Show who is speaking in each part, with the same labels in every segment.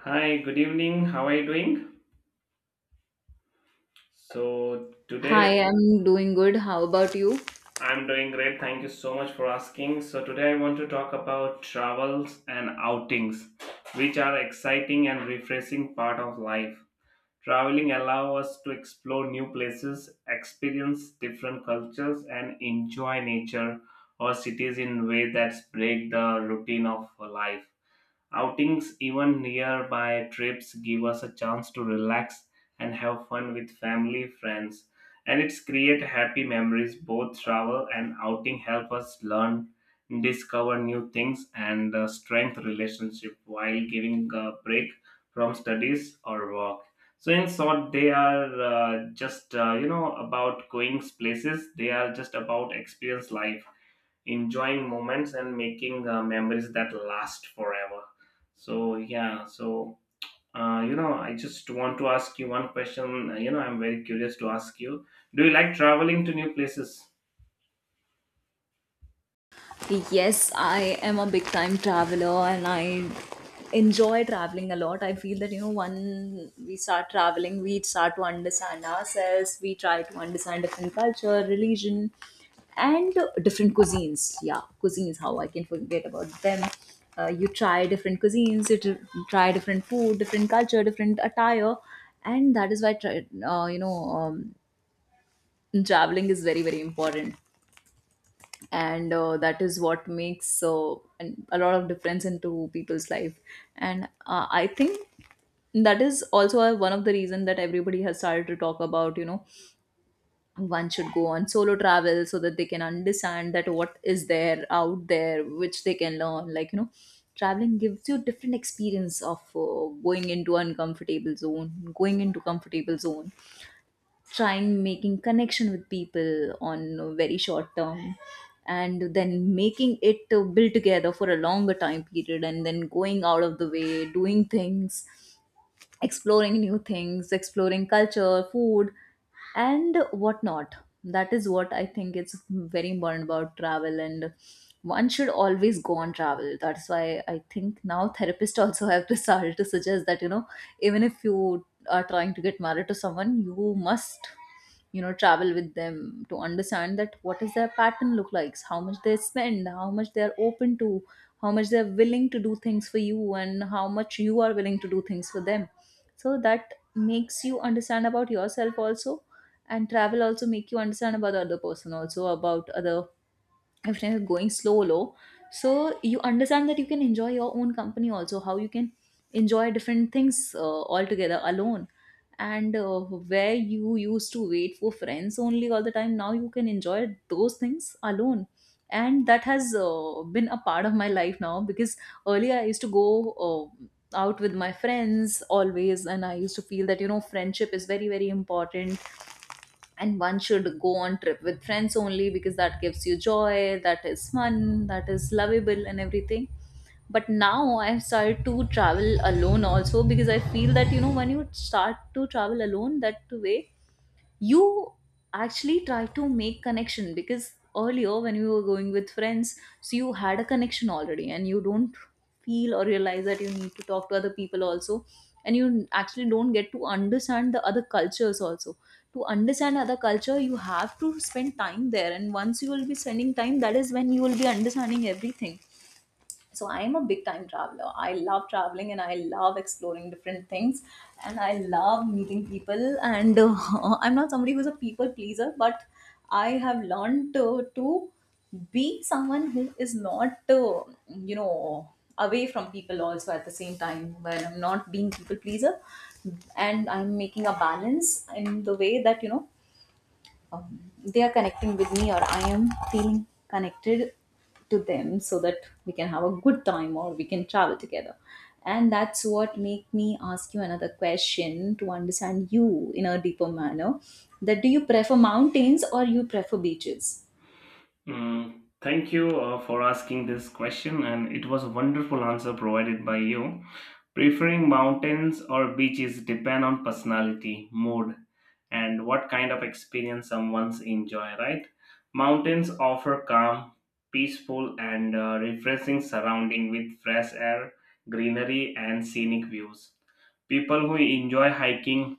Speaker 1: Hi, good evening. How are you doing? So, today
Speaker 2: Hi, I'm doing good. How about you?
Speaker 1: I'm doing great. Thank you so much for asking. So, today I want to talk about travels and outings, which are exciting and refreshing part of life. Traveling allow us to explore new places, experience different cultures and enjoy nature or cities in way that break the routine of life. Outings, even nearby trips, give us a chance to relax and have fun with family, friends, and it's create happy memories. Both travel and outing help us learn, discover new things, and strengthen relationship while giving a break from studies or work. So in short, they are just about going places. They are just about experience life enjoying moments and making memories that last forever so yeah so I just want to ask you one question. I'm very curious to ask you, do you like traveling to new places?
Speaker 2: Yes, I am a big time traveler and I enjoy traveling a lot. I feel that, you know, when we start traveling, we start to understand ourselves, we try to understand different culture, religion, and different cuisines. Yeah, cuisines, how I can forget about them. You try different cuisines, try different food, different culture, different attire, and that is why, traveling is very, very important. And that is what makes a lot of difference into people's life, and I think that is also one of the reason that everybody has started to talk about, you know, one should go on solo travel so that they can understand that what is there out there which they can learn, like, you know, traveling gives you different experience of going into uncomfortable zone, going into comfortable zone, trying making connection with people on a very short term and then making it, build together for a longer time period, and then going out of the way doing things, exploring new things, exploring culture, food, and whatnot. That is what I think it's very important about travel, and one should always go on travel. That's why I think now therapists also have to start to suggest that, you know, even if you are trying to get married to someone, you must, you know, travel with them to understand that what is their pattern look like, how much they spend, how much they are open to, how much they are willing to do things for you, and how much you are willing to do things for them. So that makes you understand about yourself also, and travel also make you understand about the other person also, about other, everything is going slow low. So you understand that you can enjoy your own company also, how you can enjoy different things all together alone. And where you used to wait for friends only all the time, now you can enjoy those things alone. And that has been a part of my life now, because earlier I used to go uh, out with my friends always, and I used to feel that, you know, friendship is very, very important, and one should go on trip with friends only because that gives you joy, that is fun, that is lovable, and everything. But now I've started to travel alone also, because I feel that, you know, when you start to travel alone that way, you actually try to make connection, because earlier when you were going with friends, so you had a connection already, and you don't feel or realize that you need to talk to other people also, and you actually don't get to understand the other cultures also. To understand other culture, you have to spend time there, and once you will be spending time, that is when you will be understanding everything. So I am a big time traveler, I love traveling, and I love exploring different things, and I love meeting people. And I'm not somebody who's a people pleaser, but I have learned to be someone who is not, you know away from people also, at the same time when I'm not being people pleaser, and I'm making a balance in the way that, um, they are connecting with me, or I am feeling connected to them, so that we can have a good time or we can travel together. And that's what make me ask you another question to understand you in a deeper manner, that do you prefer mountains or you prefer beaches?
Speaker 1: Mm, thank you for asking this question, and it was a wonderful answer provided by you. Preferring mountains or beaches depend on personality, mood, and what kind of experience someone's enjoy, right? Mountains offer calm, peaceful, and refreshing surrounding with fresh air, greenery, and scenic views. People who enjoy hiking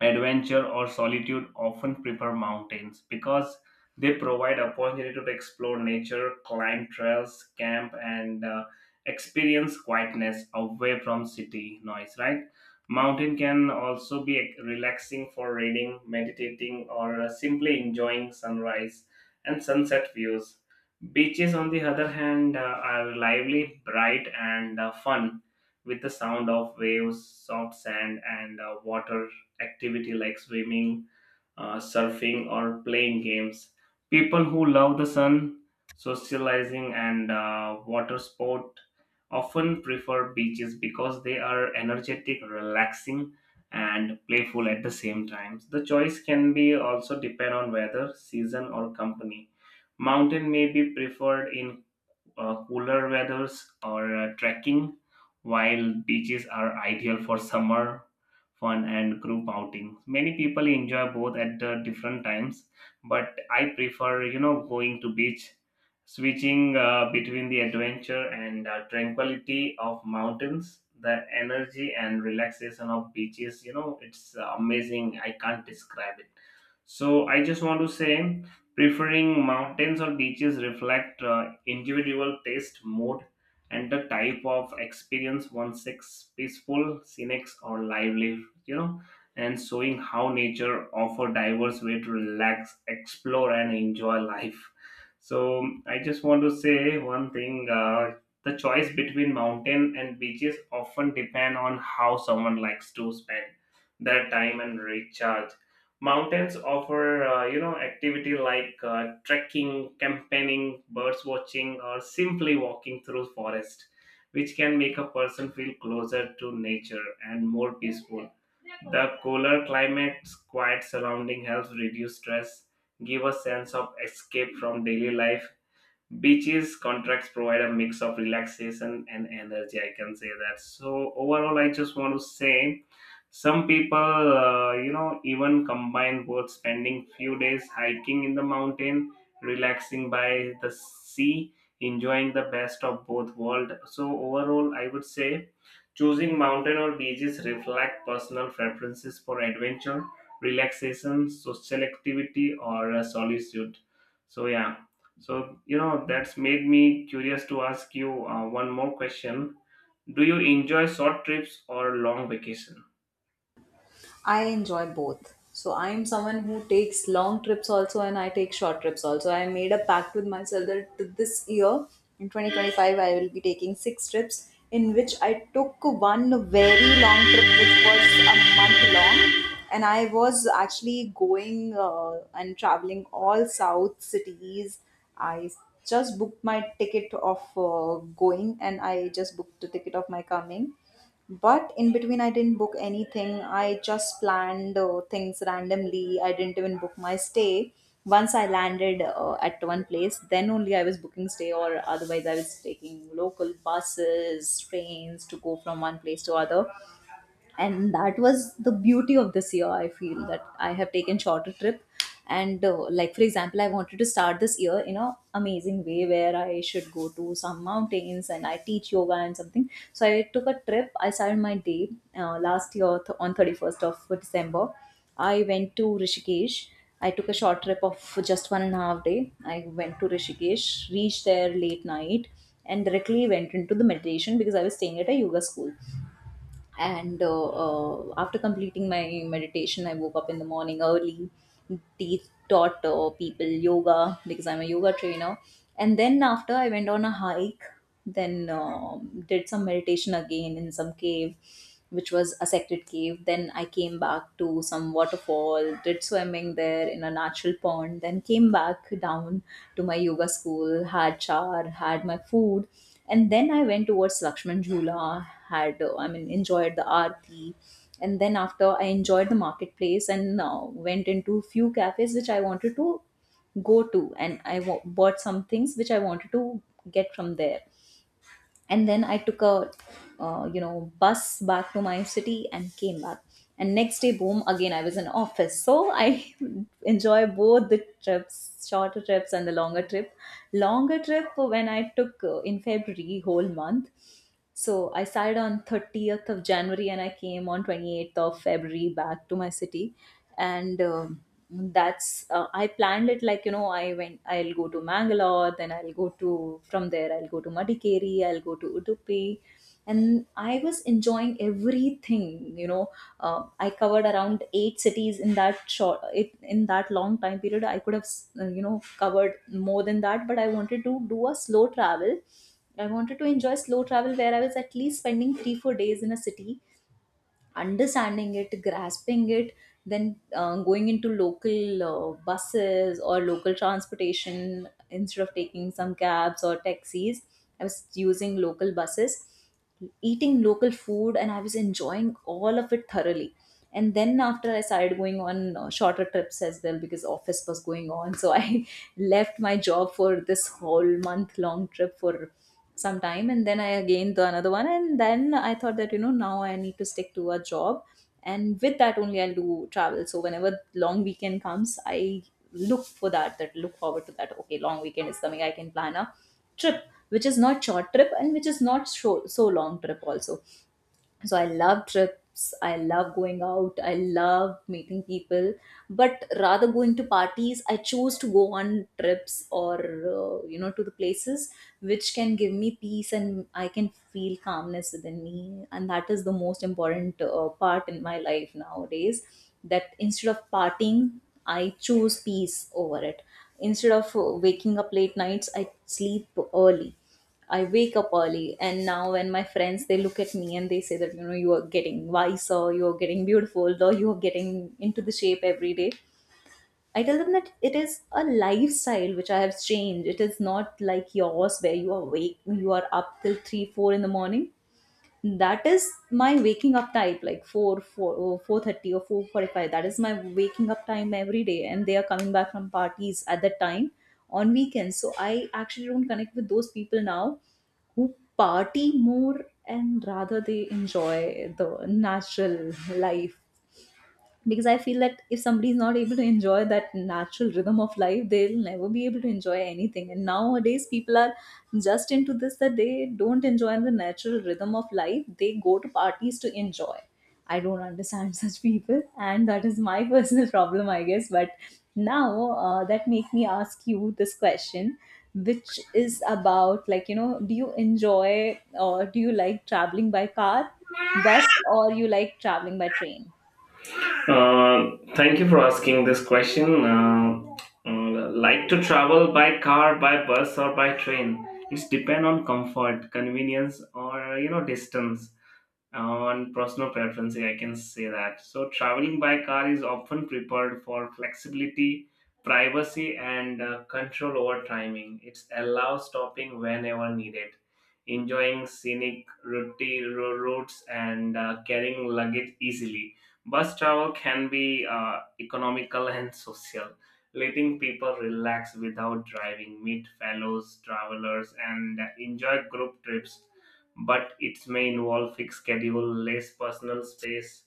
Speaker 1: adventure or solitude often prefer mountains because they provide opportunity to explore nature, climb trails, camp, and experience quietness away from city noise, right? Mountain can also be relaxing for reading, meditating, or simply enjoying sunrise and sunset views. Beaches on the other hand are lively, bright, and fun with the sound of waves, soft sand, and water activity like swimming, surfing, or playing games. People who love the sun, socializing, and water sport often prefer beaches because they are energetic, relaxing, and playful at the same time. The choice can be also depend on weather, season, or company. Mountain may be preferred in cooler weathers or trekking, while beaches are ideal for summer fun and group outings. Many people enjoy both at the different times, but I prefer, you know, going to beach, switching between the adventure and tranquility of mountains. The energy and relaxation of beaches, you know, it's amazing. I can't describe it. So I just want to say preferring mountains or beaches reflect individual taste, mood, and the type of experience one seeks, peaceful, scenic, or lively, and showing how nature offer diverse way to relax, explore, and enjoy life. So I just want to say one thing. The choice between mountain and beaches often depend on how someone likes to spend their time and recharge. Mountains offer, activity like trekking, camping, birds watching, or simply walking through forest, which can make a person feel closer to nature and more peaceful. The cooler climate's quiet surrounding helps reduce stress, give a sense of escape from daily life. Beaches contracts provide a mix of relaxation and energy. I can say that. So overall, I just want to say some people, even combine both spending few days hiking in the mountain, relaxing by the sea, enjoying the best of both world. So overall, I would say choosing mountain or beaches reflect personal preferences for adventure, relaxation, social activity, or solitude. So yeah, so, that's made me curious to ask you one more question. Do you enjoy short trips or long vacation?
Speaker 2: I enjoy both. So I'm someone who takes long trips also, and I take short trips also. I made a pact with myself this year, in 2025, I will be taking six trips, in which I took one very long trip which was a month long, and I was actually going and traveling all south cities. I just booked my ticket of going, and I just booked the ticket of my coming. But in between, I didn't book anything. I just planned things randomly. I didn't even book my stay. Once I landed at one place, then only I was booking stay. Or otherwise, I was taking local buses, trains to go from one place to other, and that was the beauty of this year. I feel that I have taken shorter trip, and like for example, I wanted to start this year in a amazing way where I should go to some mountains and I teach yoga and something, so I took a trip. I started my day last year, on 31st of December, I went to Rishikesh. I took a short trip of just 1.5 day. I went to Rishikesh, reached there late night, and directly went into the meditation because I was staying at a yoga school. And After completing my meditation, I woke up in the morning early. They taught people yoga because I'm a yoga trainer, and then after I went on a hike, then did some meditation again in some cave, which was a sacred cave. Then I came back to some waterfall, did swimming there in a natural pond, then came back down to my yoga school, had char, had my food. And then I went towards Lakshman Jhula, had, I mean, enjoyed the aarti. And then after, I enjoyed the marketplace, and went into few cafes which I wanted to go to, and bought some things which I wanted to get from there. And then I took a, bus back to my city, and came back. And next day, boom, again I was in office. So I enjoy both the trips, shorter trips and the Longer trip when I took in February, whole month. So I started on 30th of January, and I came on 28th of February back to my city. And um, I planned it like, you know, I went, I'll go to Mangalore, then I'll go to, from there, I'll go to Madikeri, I'll go to Udupi, and I was enjoying everything, you know. I covered around eight cities in that short, in that long time period. I could have s- you know covered more than that, but I wanted to do a slow travel. I wanted to enjoy slow travel, where I was at least spending 3 4 days in a city, understanding it, grasping it, then going into local buses or local transportation. Instead of taking some cabs or taxis, I was using local buses, eating local food, and I was enjoying all of it thoroughly. And then after, I started going on shorter trips as well, because office was going on, so I left my job for this whole month long trip for some time. And then I again the another one, And then I thought that, you know, now I need to stick to a job, and with that only I'll do travel. So whenever long weekend comes, I look for that, look forward to that. Okay, long weekend is coming, I can plan a trip which is not short trip and which is not so, so long trip also. So I love trips, I love going out, I love meeting people, but rather going to parties, I choose to go on trips, or to the places which can give me peace and I can feel calmness within me, and that is the most important part in my life nowadays. That instead of partying, I choose peace over it. Instead of waking up late nights, I sleep early. I wake up early, and now when my friends, they look at me and they say that, you know, you are getting wiser, you are getting beautiful, or you are getting into the shape every day. I tell them that it is a lifestyle which I have changed. It is not like yours where you are awake, you are up till three, four in the morning. That is my waking up time, like 4:30 or 4:45. That is my waking up time every day, and they are coming back from parties at that time on weekends. So I actually don't connect with those people now who party more, and rather they enjoy the natural life, because I feel that if somebody is not able to enjoy that natural rhythm of life, they'll never be able to enjoy anything. And nowadays people are just into this, that they don't enjoy the natural rhythm of life, they go to parties to enjoy. I don't understand such people, and that is my personal problem, I guess. But now, that make me ask you this question, which is about, do you enjoy or do you like traveling by car, bus, or you like traveling by train?
Speaker 1: Thank you for asking this question. Like to travel by car, by bus, or by train? It's depend on comfort, convenience, or you know distance, on personal preference, I can say that. So traveling by car is often preferred for flexibility, privacy, and control over timing. It allows stopping whenever needed, enjoying scenic routes, and carrying luggage easily. Bus travel can be economical and social, letting people relax without driving, meet fellows travelers, and enjoy group trips, but it may involve fixed schedule, less personal space.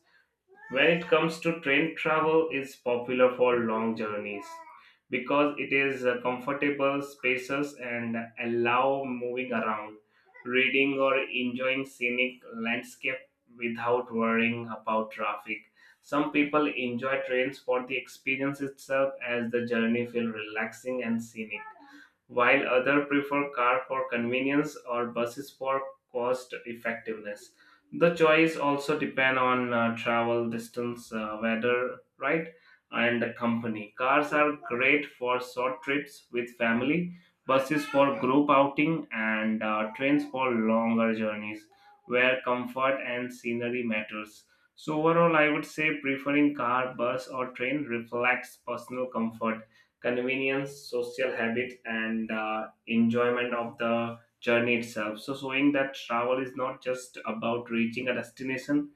Speaker 1: When it comes to train travel, it's popular for long journeys because it is comfortable spaces and allow moving around, reading or enjoying scenic landscape without worrying about traffic. Some people enjoy trains for the experience itself, as the journey feel relaxing and scenic, while others prefer car for convenience or buses for cost effectiveness. The choice also depend on travel distance, weather, right, and the company. Cars are great for short trips with family, buses for group outing, and trains for longer journeys where comfort and scenery matters. So overall, I would say preferring car, bus, or train reflects personal comfort, convenience, social habit, and enjoyment of the journey itself. So, showing that travel is not just about reaching a destination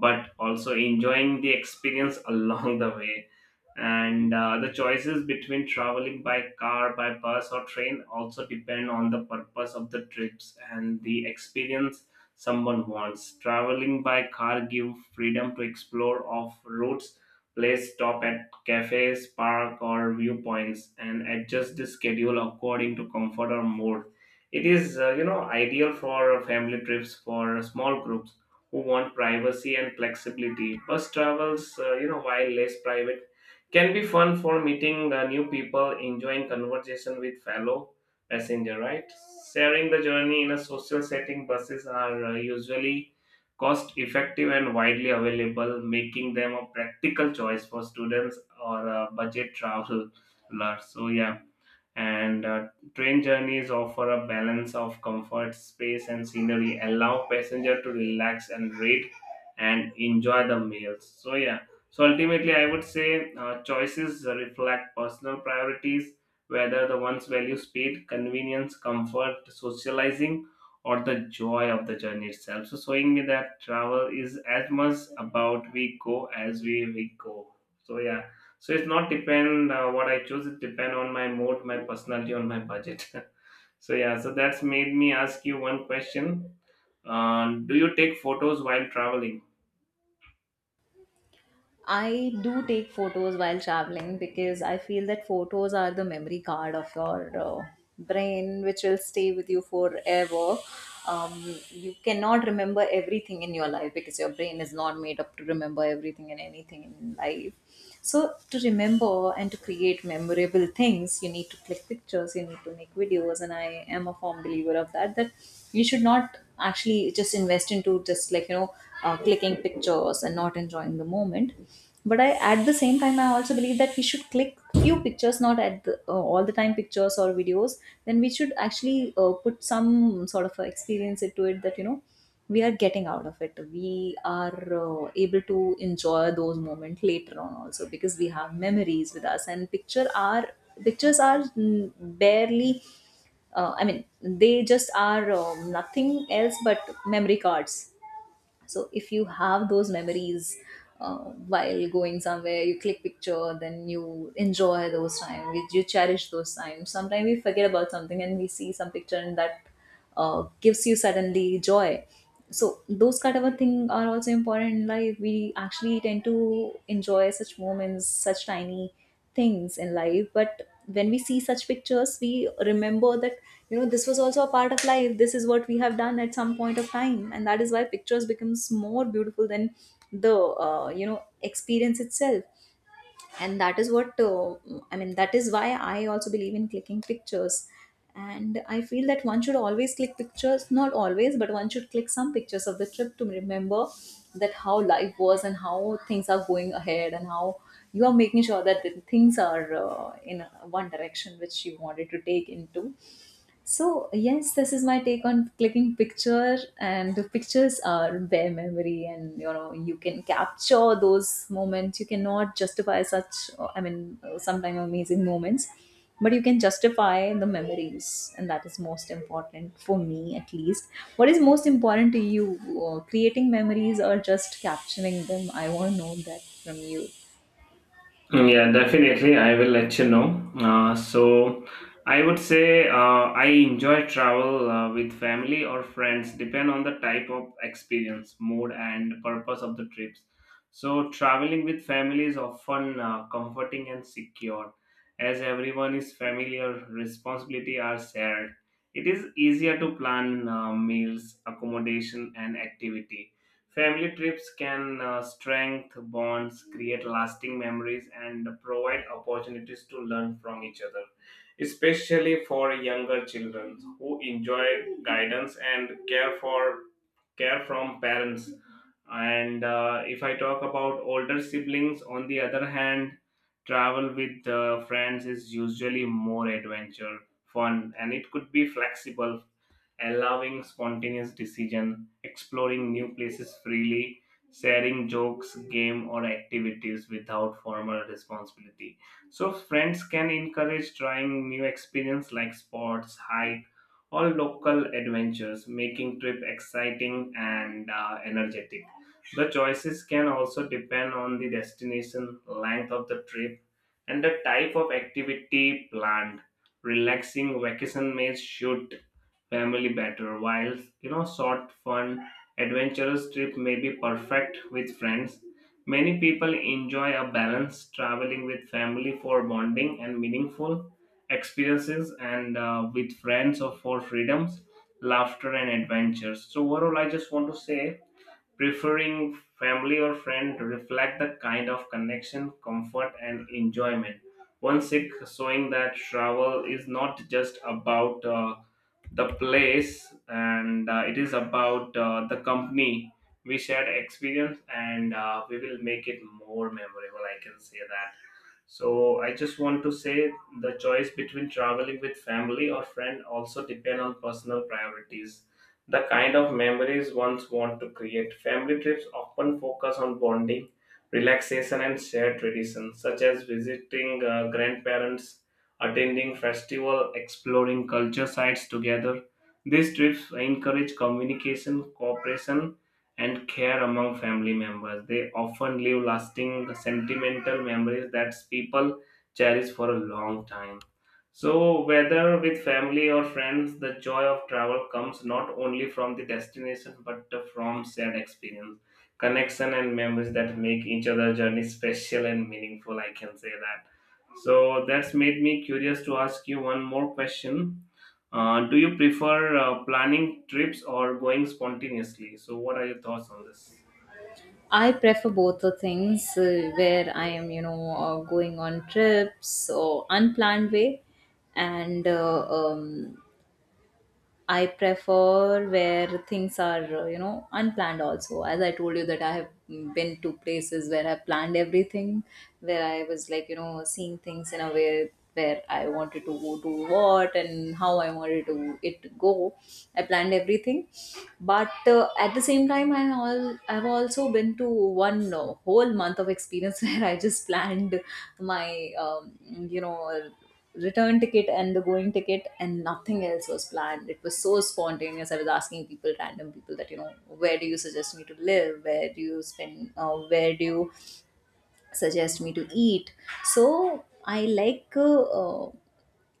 Speaker 1: but also enjoying the experience along the way. And The choices between traveling by car, by bus or train also depend on the purpose of the trips and the experience someone wants. Traveling by car give freedom to explore off routes place, stop at cafes, park or viewpoints, and adjust the schedule according to comfort or mood. It is ideal for family trips, for small groups who want privacy and flexibility. Bus travels, while less private, can be fun for meeting the new people, enjoying conversation with fellow passenger, right? Sharing the journey in a social setting, buses are usually cost effective and widely available, making them a practical choice for students or budget travelers. So yeah, and Train journeys offer a balance of comfort, space, and scenery, allow passenger to relax and read and enjoy the meals. Ultimately I would say choices reflect personal priorities, whether the ones value speed, convenience, comfort, socializing, or the joy of the journey itself, so showing me that travel is as much about we go as we go. so yeah it's not depend what I choose. It depend on my mood, my personality, on my budget. So that's made me ask you one question. Do you take photos while traveling?
Speaker 2: I do take photos while traveling because I feel that photos are the memory card of your brain, which will stay with you forever. You cannot remember everything in your life because your brain is not made up to remember everything and anything in life. So, to remember and to create memorable things, you need to click pictures, you need to make videos, and I am a firm believer of that. That you should not actually just invest into, just clicking pictures and not enjoying the moment. But at the same time, I also believe that we should click few pictures, not at the, all the time pictures or videos. Then we should actually put some sort of a experience into it, that you know we are getting out of it, we are able to enjoy those moments later on also because we have memories with us. And pictures are barely, I mean, they just are, um, nothing else but memory cards. So if you have those memories, uh, while going somewhere you click picture, then you enjoy those times, you cherish those times. Sometimes we forget about something and we see some picture, and that gives you suddenly joy. So those kind of a thing are also important in life. We actually tend to enjoy such moments, such tiny things in life, but when we see such pictures we remember that, you know, this was also a part of life, this is what we have done at some point of time. And that is why pictures becomes more beautiful than the, experience itself. And that is what, I mean, that is why I also believe in clicking pictures. And I feel that one should always click pictures, not always, but one should click some pictures of the trip to remember that how life was and how things are going ahead, and how you are making sure that the things are, in one direction which you wanted to take into. So, yes, this is my take on clicking picture, and the pictures are bare memory, and you know, you can capture those moments. You cannot justify such, I mean, sometimes amazing moments, but you can justify the memories, and that is most important for me, at least. What is most important to you, creating memories or just capturing them? I want to know that from you.
Speaker 1: Mm, yeah, definitely. I will let you know. Uh, so, I would say I enjoy travel with family or friends, depend on the type of experience, mood, and purpose of the trips. So, traveling with family is often comforting and secure, as everyone is familiar, responsibility are shared. It is easier to plan meals, accommodation, and activity. Family trips can strengthen bonds, create lasting memories, and provide opportunities to learn from each other, especially for younger children who enjoy guidance and care from parents. And If I talk about older siblings on the other hand, travel with friends is usually more adventure, fun, and it could be flexible, allowing spontaneous decision, exploring new places freely, sharing jokes, game or activities without formal responsibility. So friends can encourage trying new experience like sports, hike, or local adventures, making trip exciting and energetic. The choices can also depend on the destination, length of the trip, and the type of activity planned. Relaxing vacation may suit family better, while you know short, fun, adventurous trip may be perfect with friends. Many people enjoy a balance traveling with family for bonding and meaningful experiences, and with friends or for freedoms, laughter, and adventures. So overall, I just want to say preferring family or friend reflect the kind of connection, comfort, and enjoyment. One Sikh showing that travel is not just about the place and it is about the company we shared experience and we will make it more memorable, I can say that. So I just want to say the choice between traveling with family or friend also depend on personal priorities, the kind of memories ones want to create. Family trips often focus on bonding, relaxation, and shared traditions, such as visiting grandparents, attending festival, exploring culture sites together. These trips encourage communication, cooperation, and care among family members. They often leave lasting, sentimental memories that people cherish for a long time. So, whether with family or friends, the joy of travel comes not only from the destination but from shared experience, connection, and memories that make each other journey special and meaningful. I can say that. So, that's made me curious to ask you one more question. Do you prefer planning trips or going spontaneously? So, what are your thoughts on this?
Speaker 2: I prefer both the things, where I am, you know, going on trips or unplanned way, and I prefer where things are, you know, unplanned also. As I told you that I have been to places where I planned everything, where I was like, you know, seeing things in a way where I wanted to go do what and how I wanted to it go. I planned everything. But at the same time, I've also been to one whole month of experience where I just planned my, you know, return ticket and the going ticket, and nothing else was planned. It was so spontaneous, I was asking people, random people, that you know, where do you suggest me to live, where do you spend, where do you suggest me to eat. So I like,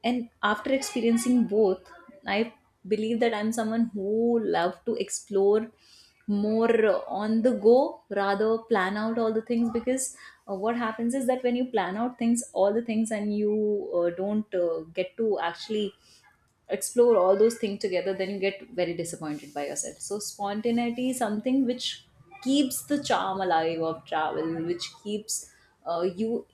Speaker 2: and after experiencing both, I believe that I'm someone who love to explore more, on the go rather plan out all the things. Because, what happens is that when you plan out things, all the things, and you don't get to actually explore all those things together, then you get very disappointed by yourself. So spontaneity is something which keeps the charm alive of travel, which keeps, you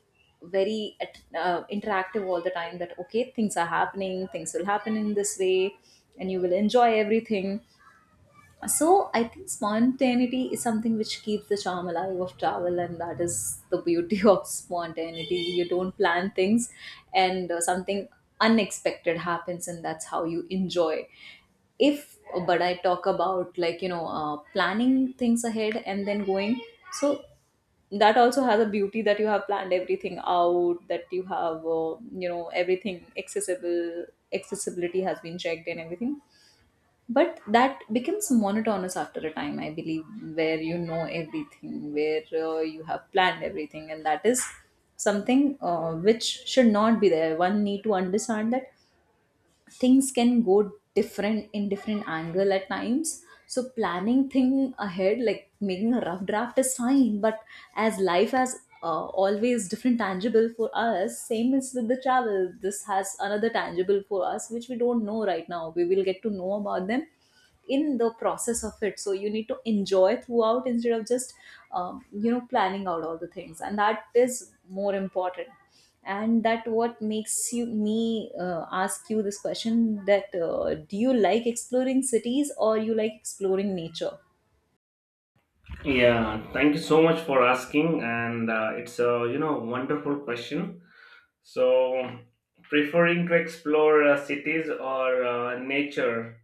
Speaker 2: very interactive all the time. That okay, things are happening, things will happen in this way, and you will enjoy everything. So I think spontaneity is something which keeps the charm alive of travel, and that is the beauty of spontaneity. You don't plan things, and something unexpected happens, and that's how you enjoy. If but I talk about, like you know, planning things ahead and then going, so that also has a beauty, that you have planned everything out, that you have, you know, everything accessible, accessibility has been checked and everything. But that becomes monotonous after a time, I believe, where you know everything, where you have planned everything, and that is something which should not be there. One need to understand that things can go different in different angle at times. So planning thing ahead, like making a rough draft, is fine, but as life has, always different tangible for us, same is with the travel. This has another tangible for us which we don't know right now, we will get to know about them in the process of it. So you need to enjoy throughout instead of just, you know, planning out all the things, and that is more important. And that what makes you me ask you this question, that do you like exploring cities or you like exploring nature?
Speaker 1: Yeah, thank you so much for asking, and it's a you know wonderful question. So, preferring to explore cities or nature,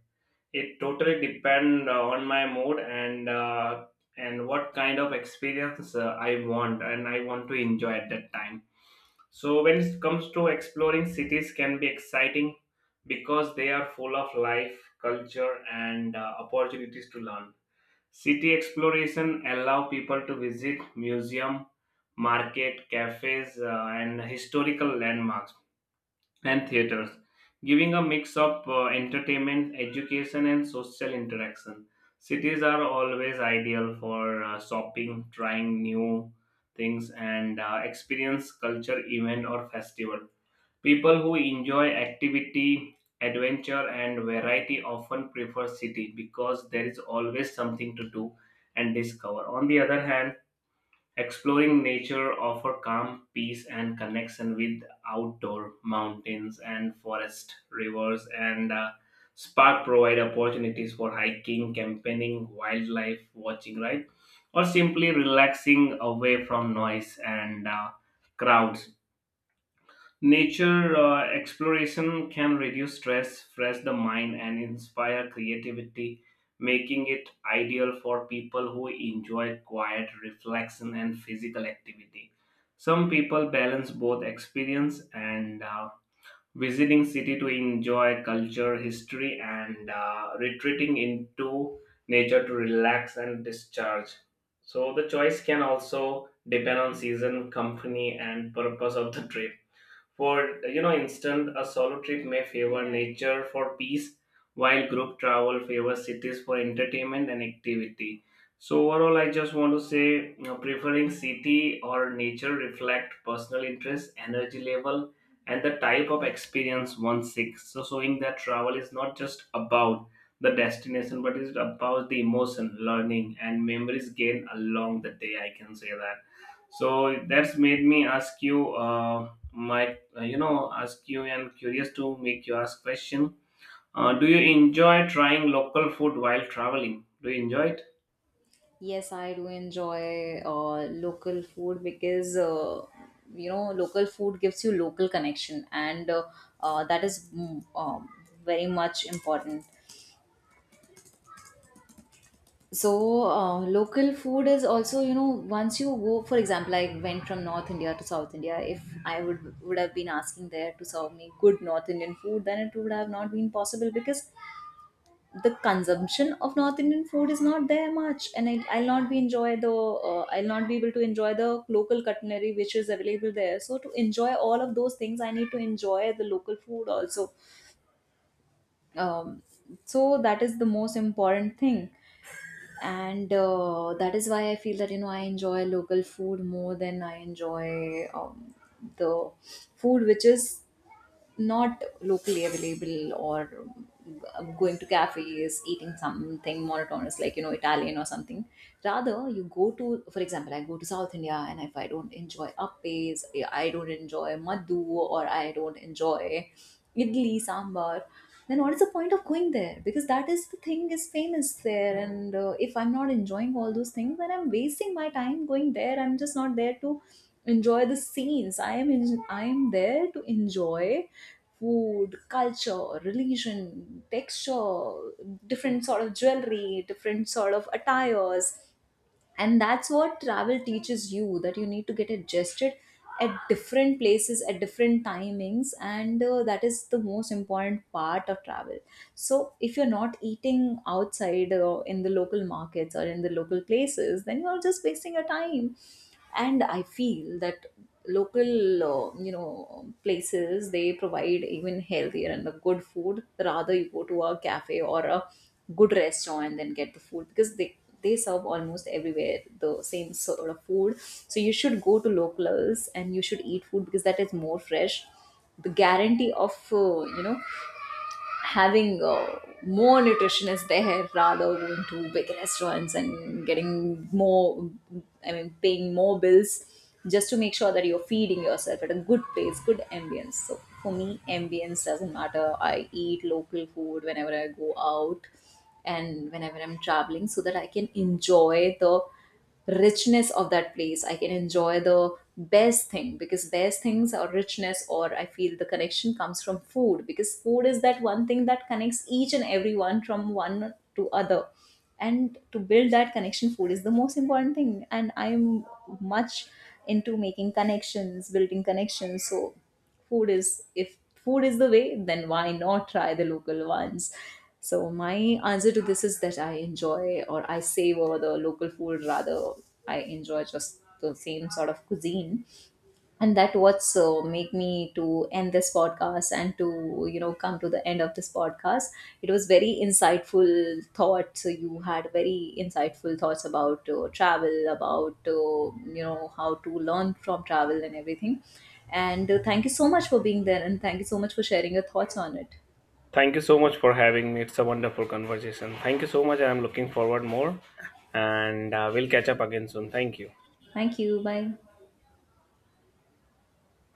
Speaker 1: it totally depends on my mood and what kind of experience I want and I want to enjoy at that time. So when it comes to exploring cities can be exciting because they are full of life, culture and opportunities to learn. City exploration allow people to visit museum, market, cafes and historical landmarks and theaters, giving a mix of entertainment, education, and social interaction. Cities are always ideal for shopping, trying new things, and experience culture event or festival. People who enjoy activity, adventure, and variety often prefer city because there is always something to do and discover. On the other hand, exploring nature offer calm, peace, and connection with outdoor mountains and forest, rivers, and spark provide opportunities for hiking, camping, wildlife watching, right, or simply relaxing away from noise and crowds. Nature exploration can reduce stress, fresh the mind, and inspire creativity, making it ideal for people who enjoy quiet reflection and physical activity. Some people balance both experience and visiting city to enjoy culture, history, and retreating into nature to relax and discharge. So the choice can also depend on season, company, and purpose of the trip. For you know, instance, a solo trip may favor nature for peace, while group travel favors cities for entertainment and activity. So overall, I just want to say, you know, preferring city or nature reflect personal interest, energy level, and the type of experience one seeks, so showing that travel is not just about the destination, but is about the emotion, learning, and memories gained along the day. I can say that. So that's made me ask you my you know ask you and curious to make you ask question. Do you enjoy trying local food while traveling, do you enjoy it?
Speaker 2: Yes, I do enjoy local food, because you know, local food gives you local connection, and that is, very much important. So, local food is also, you know, once you go, for example, I went from North India to South India. If I would have been asking there to serve me good North Indian food, then it would have not been possible, because the consumption of North Indian food is not there much, and I'll not be able to enjoy the local culinary which is available there. So, to enjoy all of those things, I need to enjoy the local food also. Um, so that is the most important thing. And that is why I feel that, you know, I enjoy local food more than I enjoy, the food which is not locally available, or, going to cafes eating something monotonous like, you know, Italian or something. Rather you go to, for example, I go to South India, and if I don't enjoy appes, I don't enjoy madhu, or I don't enjoy idli sambar, then what is the point of going there? Because that is the thing is famous there. And if I'm not enjoying all those things, then I'm wasting my time going there. I'm just not there to enjoy the scenes I am in, I am there to enjoy food, culture, religion, texture, different sort of jewelry, different sort of attires. And that's what travel teaches you, that you need to get adjusted at different places at different timings, and that is the most important part of travel. So if you're not eating outside, in the local markets or in the local places, then you're just wasting your time. And I feel that local, you know, places, they provide even healthier and the good food, rather you go to a cafe or a good restaurant and get the food, because they serve almost everywhere the same sort of food. So you should go to locals and you should eat food because that is more fresh, the guarantee of, you know, having more nutritionists there, rather going to big restaurants and getting more, I mean, paying more bills just to make sure that you're feeding yourself at a good place, good ambience. So for me, ambience doesn't matter, I eat local food whenever I go out and whenever I'm traveling, so that I can enjoy the richness of that place. I can enjoy the best thing, because best things or richness, or I feel the connection comes from food, because food is that one thing that connects each and every one from one to other. And to build that connection, food is the most important thing, and I'm much into making connections, building connections. So food is, if food is the way, then why not try the local ones? So my answer to this is that I enjoy or I savor the local food rather I enjoy just the same sort of cuisine. And that what's so make me to end this podcast and to, you know, come to the end of this podcast. It was very insightful thoughts. So you had very insightful thoughts about, travel, about, you know, how to learn from travel and everything. And thank you so much for being there, and thank you so much for sharing your thoughts on it.
Speaker 1: Thank you so much for having me. It's a wonderful conversation. Thank you so much. I'm looking forward more and we'll catch up again soon. Thank you.
Speaker 2: Thank you, bye.